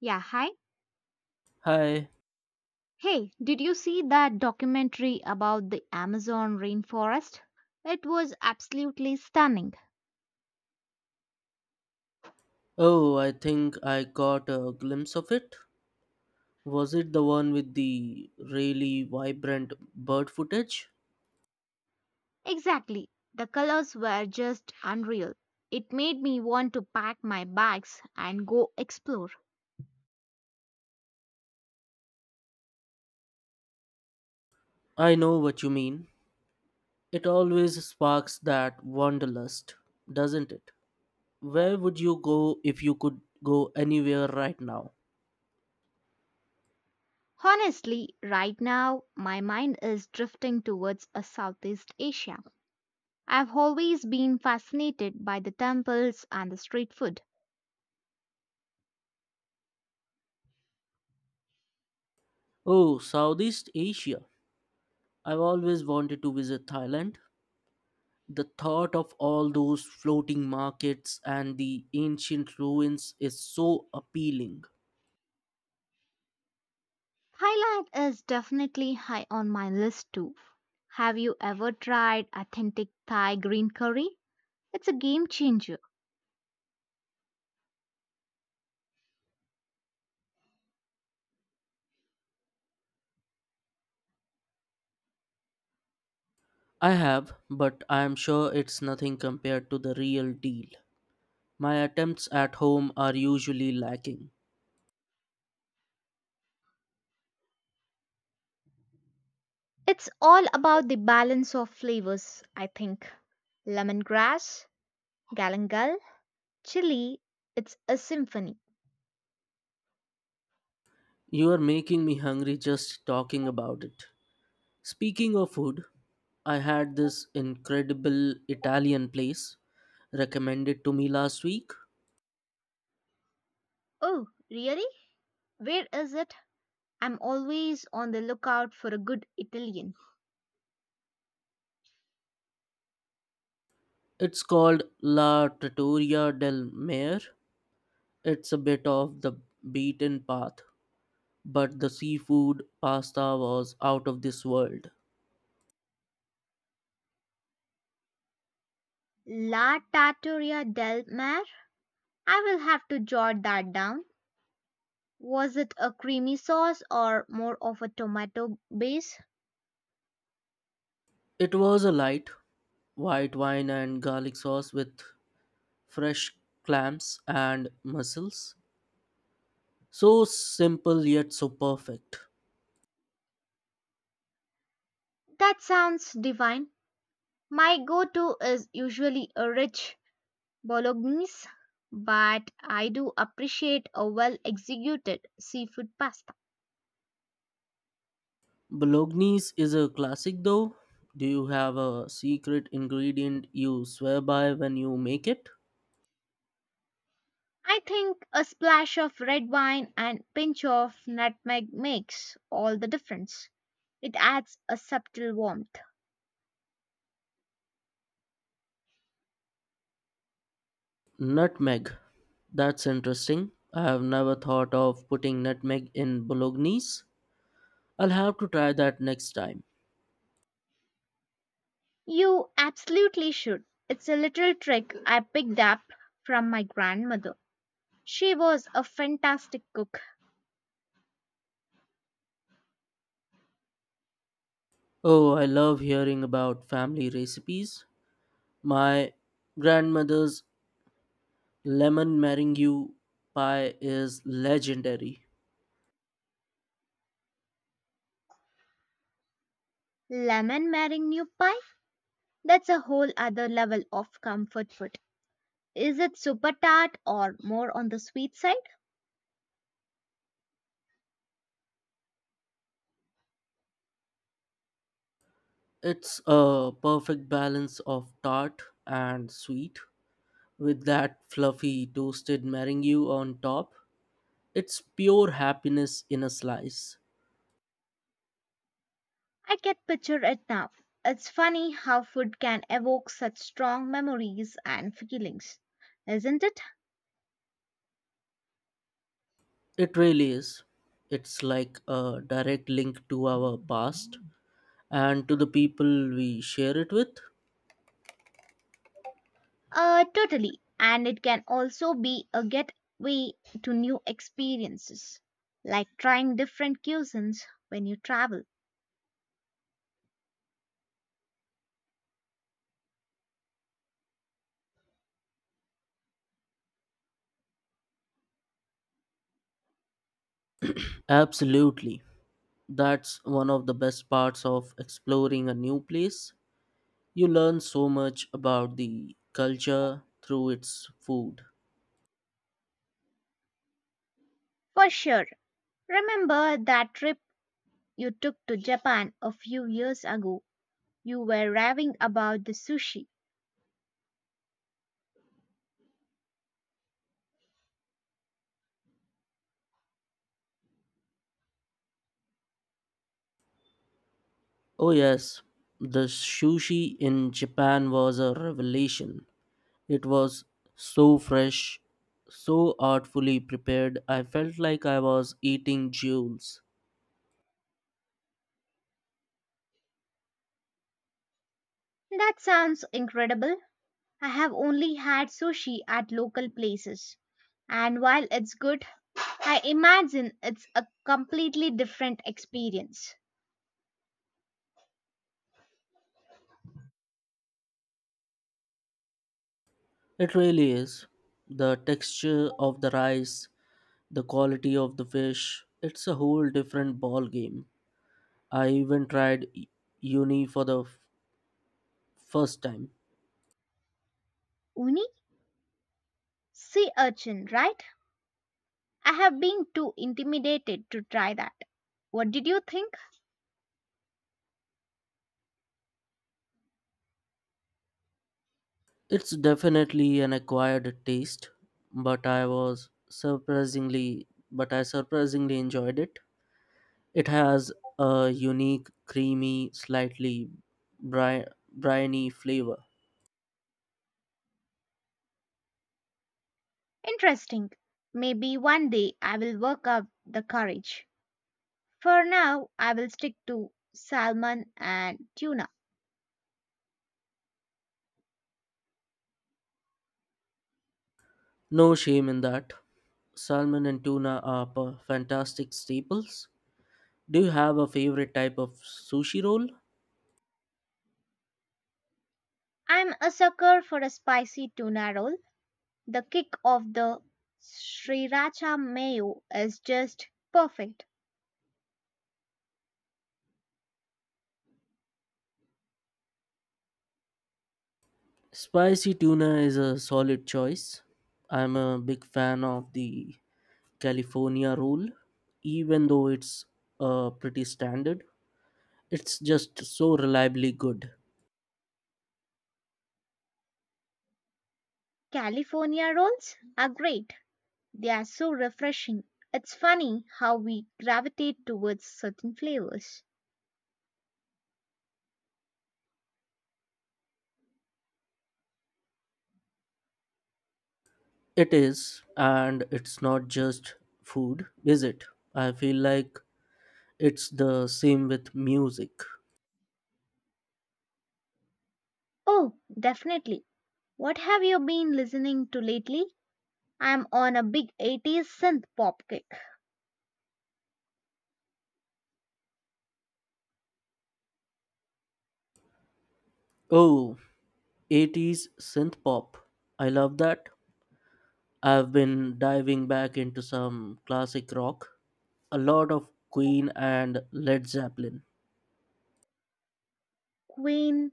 Yeah, hi. Hi. Hey, did you see that documentary about the Amazon rainforest? It was absolutely stunning. Oh, I think I got a glimpse of it. Was it the one with the really vibrant bird footage? Exactly. The colors were just unreal. It made me want to pack my bags and go explore. I know what you mean. It always sparks that wanderlust, doesn't it? Where would you go if you could go anywhere right now? Honestly, right now, my mind is drifting towards a Southeast Asia. I've always been fascinated by the temples and the street food. Oh, Southeast Asia. I've always wanted to visit Thailand. The thought of all those floating markets and the ancient ruins is so appealing. Thailand is definitely high on my list too. Have you ever tried authentic Thai green curry? It's a game changer. I have, but I am sure it's nothing compared to the real deal. My attempts at home are usually lacking. It's all about the balance of flavors, I think. Lemongrass, galangal, chili, it's a symphony. You are making me hungry just talking about it. Speaking of food, I had this incredible Italian place recommended to me last week. Oh, really? Where is it? I'm always on the lookout for a good Italian. It's called La Trattoria del Mare. It's a bit off the beaten path, but the seafood pasta was out of this world. La Trattoria del Mar? I will have to jot that down. Was it a creamy sauce or more of a tomato base? It was a light, white wine and garlic sauce with fresh clams and mussels. So simple yet so perfect. That sounds divine. My go to is usually a rich bolognese, but I do appreciate a well executed seafood pasta. Bolognese is a classic though. Do you have a secret ingredient you swear by when you make it? I think a splash of red wine and pinch of nutmeg makes all the difference. It adds a subtle warmth. Nutmeg. That's interesting. I have never thought of putting nutmeg in bolognese. I'll have to try that next time. You absolutely should. It's a little trick I picked up from my grandmother. She was a fantastic cook. Oh, I love hearing about family recipes. My grandmother's lemon meringue pie is legendary. Lemon meringue pie? That's a whole other level of comfort food. Is it super tart or more on the sweet side? It's a perfect balance of tart and sweet with that fluffy toasted meringue on top. It's pure happiness in a slice. I can picture it now. It's funny how food can evoke such strong memories and feelings, isn't it? It really is. It's like a direct link to our past and to the people we share it with. Totally. And it can also be a gateway to new experiences, like trying different cuisines when you travel. Absolutely. That's one of the best parts of exploring a new place. You learn so much about the culture through its food. For sure. Remember that trip you took to Japan a few years ago. You were raving about the sushi. Oh, yes, the sushi in Japan was a revelation. It was so fresh, so artfully prepared, I felt like I was eating jewels. That sounds incredible. I have only had sushi at local places. And while it's good, I imagine it's a completely different experience. It really is. The texture of the rice, the quality of the fish, it's a whole different ball game. I even tried uni for the first time. Uni? Sea urchin, right? I have been too intimidated to try that. What did you think? It's definitely an acquired taste, but I was surprisingly but I surprisingly enjoyed it. It has a unique, creamy, slightly bri- briny flavor. Interesting. Maybe one day I will work up the courage. For now, I will stick to salmon and tuna. No shame in that. Salmon and tuna are fantastic staples. Do you have a favorite type of sushi roll? I'm a sucker for a spicy tuna roll. The kick of the sriracha mayo is just perfect. Spicy tuna is a solid choice. I'm a big fan of the California rule, even though it's pretty standard. It's just so reliably good. California rolls are great. They are so refreshing. It's funny how we gravitate towards certain flavors. It is, and it's not just food, is it? I feel like it's the same with music. Oh, definitely. What have you been listening to lately? I'm on a big '80s synth pop kick. Oh, 80s synth pop. I love that. I've been diving back into some classic rock, a lot of Queen and Led Zeppelin. Queen,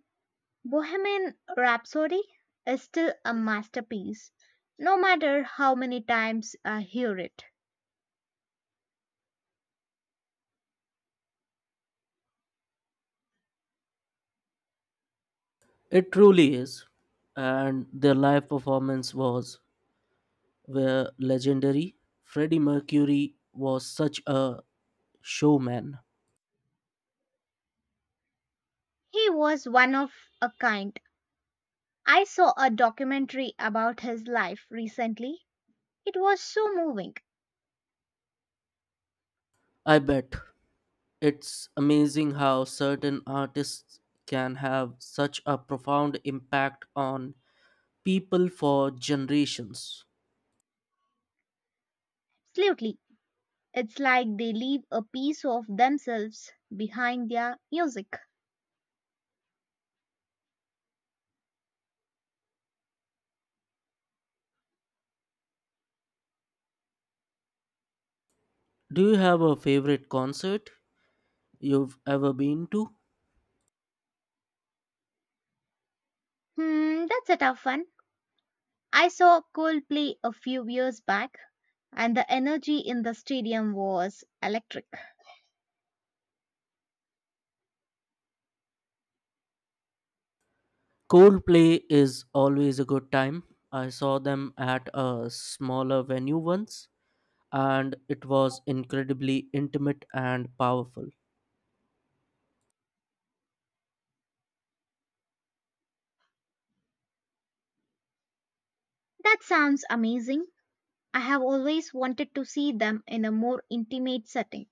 Bohemian Rhapsody is still a masterpiece, no matter how many times I hear it. It truly is. And their live performance was were legendary. Freddie Mercury was such a showman. He was one of a kind. I saw a documentary about his life recently. It was so moving. I bet it's amazing how certain artists can have such a profound impact on people for generations. Absolutely. It's like they leave a piece of themselves behind their music. Do you have a favorite concert you've ever been to? Hmm, that's a tough one. I saw Coldplay a few years back, and the energy in the stadium was electric. Coldplay is always a good time. I saw them at a smaller venue once, and it was incredibly intimate and powerful. That sounds amazing. I have always wanted to see them in a more intimate setting.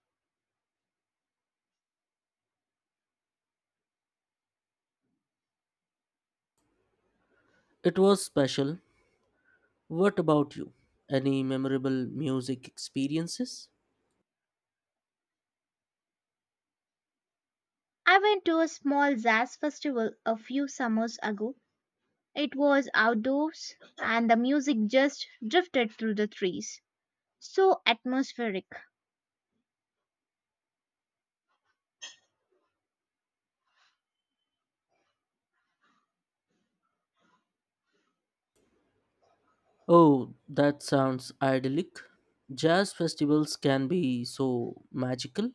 It was special. What about you? Any memorable music experiences? I went to a small jazz festival a few summers ago. It was outdoors and the music just drifted through the trees. So atmospheric. Oh, that sounds idyllic. Jazz festivals can be so magical.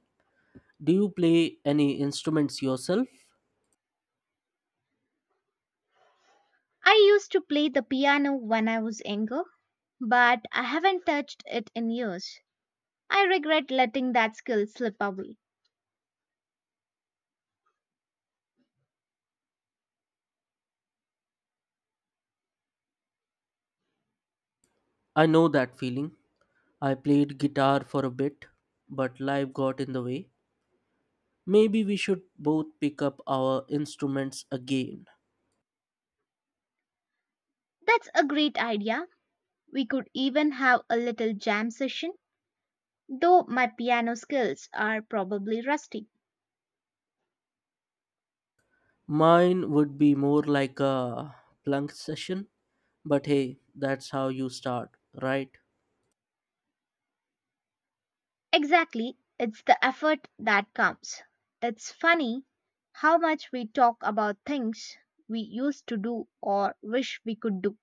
Do you play any instruments yourself? I used to play the piano when I was younger, but I haven't touched it in years. I regret letting that skill slip away. I know that feeling. I played guitar for a bit, but life got in the way. Maybe we should both pick up our instruments again. That's a great idea. We could even have a little jam session, though my piano skills are probably rusty. Mine would be more like a plunk session, but hey, that's how you start, right? Exactly. It's the effort that counts. It's funny how much we talk about things we used to do or wish we could do.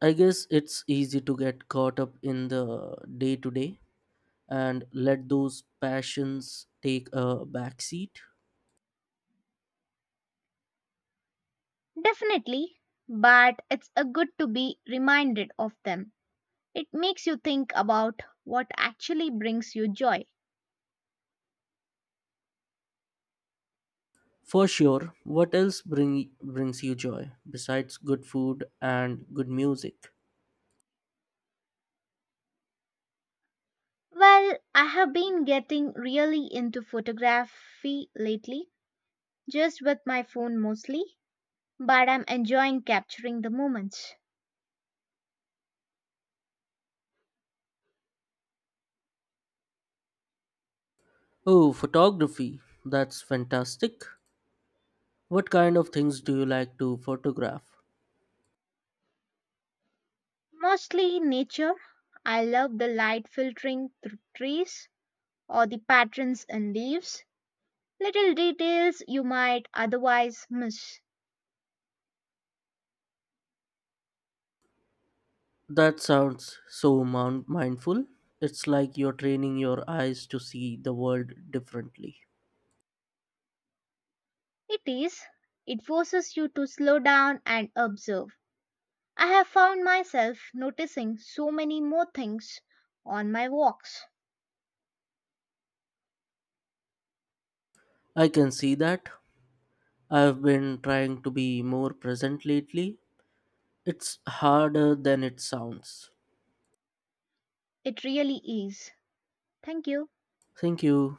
I guess it's easy to get caught up in the day to day and let those passions take a backseat. Definitely, but it's a good to be reminded of them. It makes you think about what actually brings you joy. For sure, what else brings you joy besides good food and good music? Well, I have been getting really into photography lately, just with my phone mostly, but I'm enjoying capturing the moments. Oh, photography. That's fantastic. What kind of things do you like to photograph? Mostly nature. I love the light filtering through trees or the patterns in leaves. Little details you might otherwise miss. That sounds so mindful. It's like you're training your eyes to see the world differently. It is. It forces you to slow down and observe. I have found myself noticing so many more things on my walks. I can see that. I've been trying to be more present lately. It's harder than it sounds. It really is. Thank you. Thank you.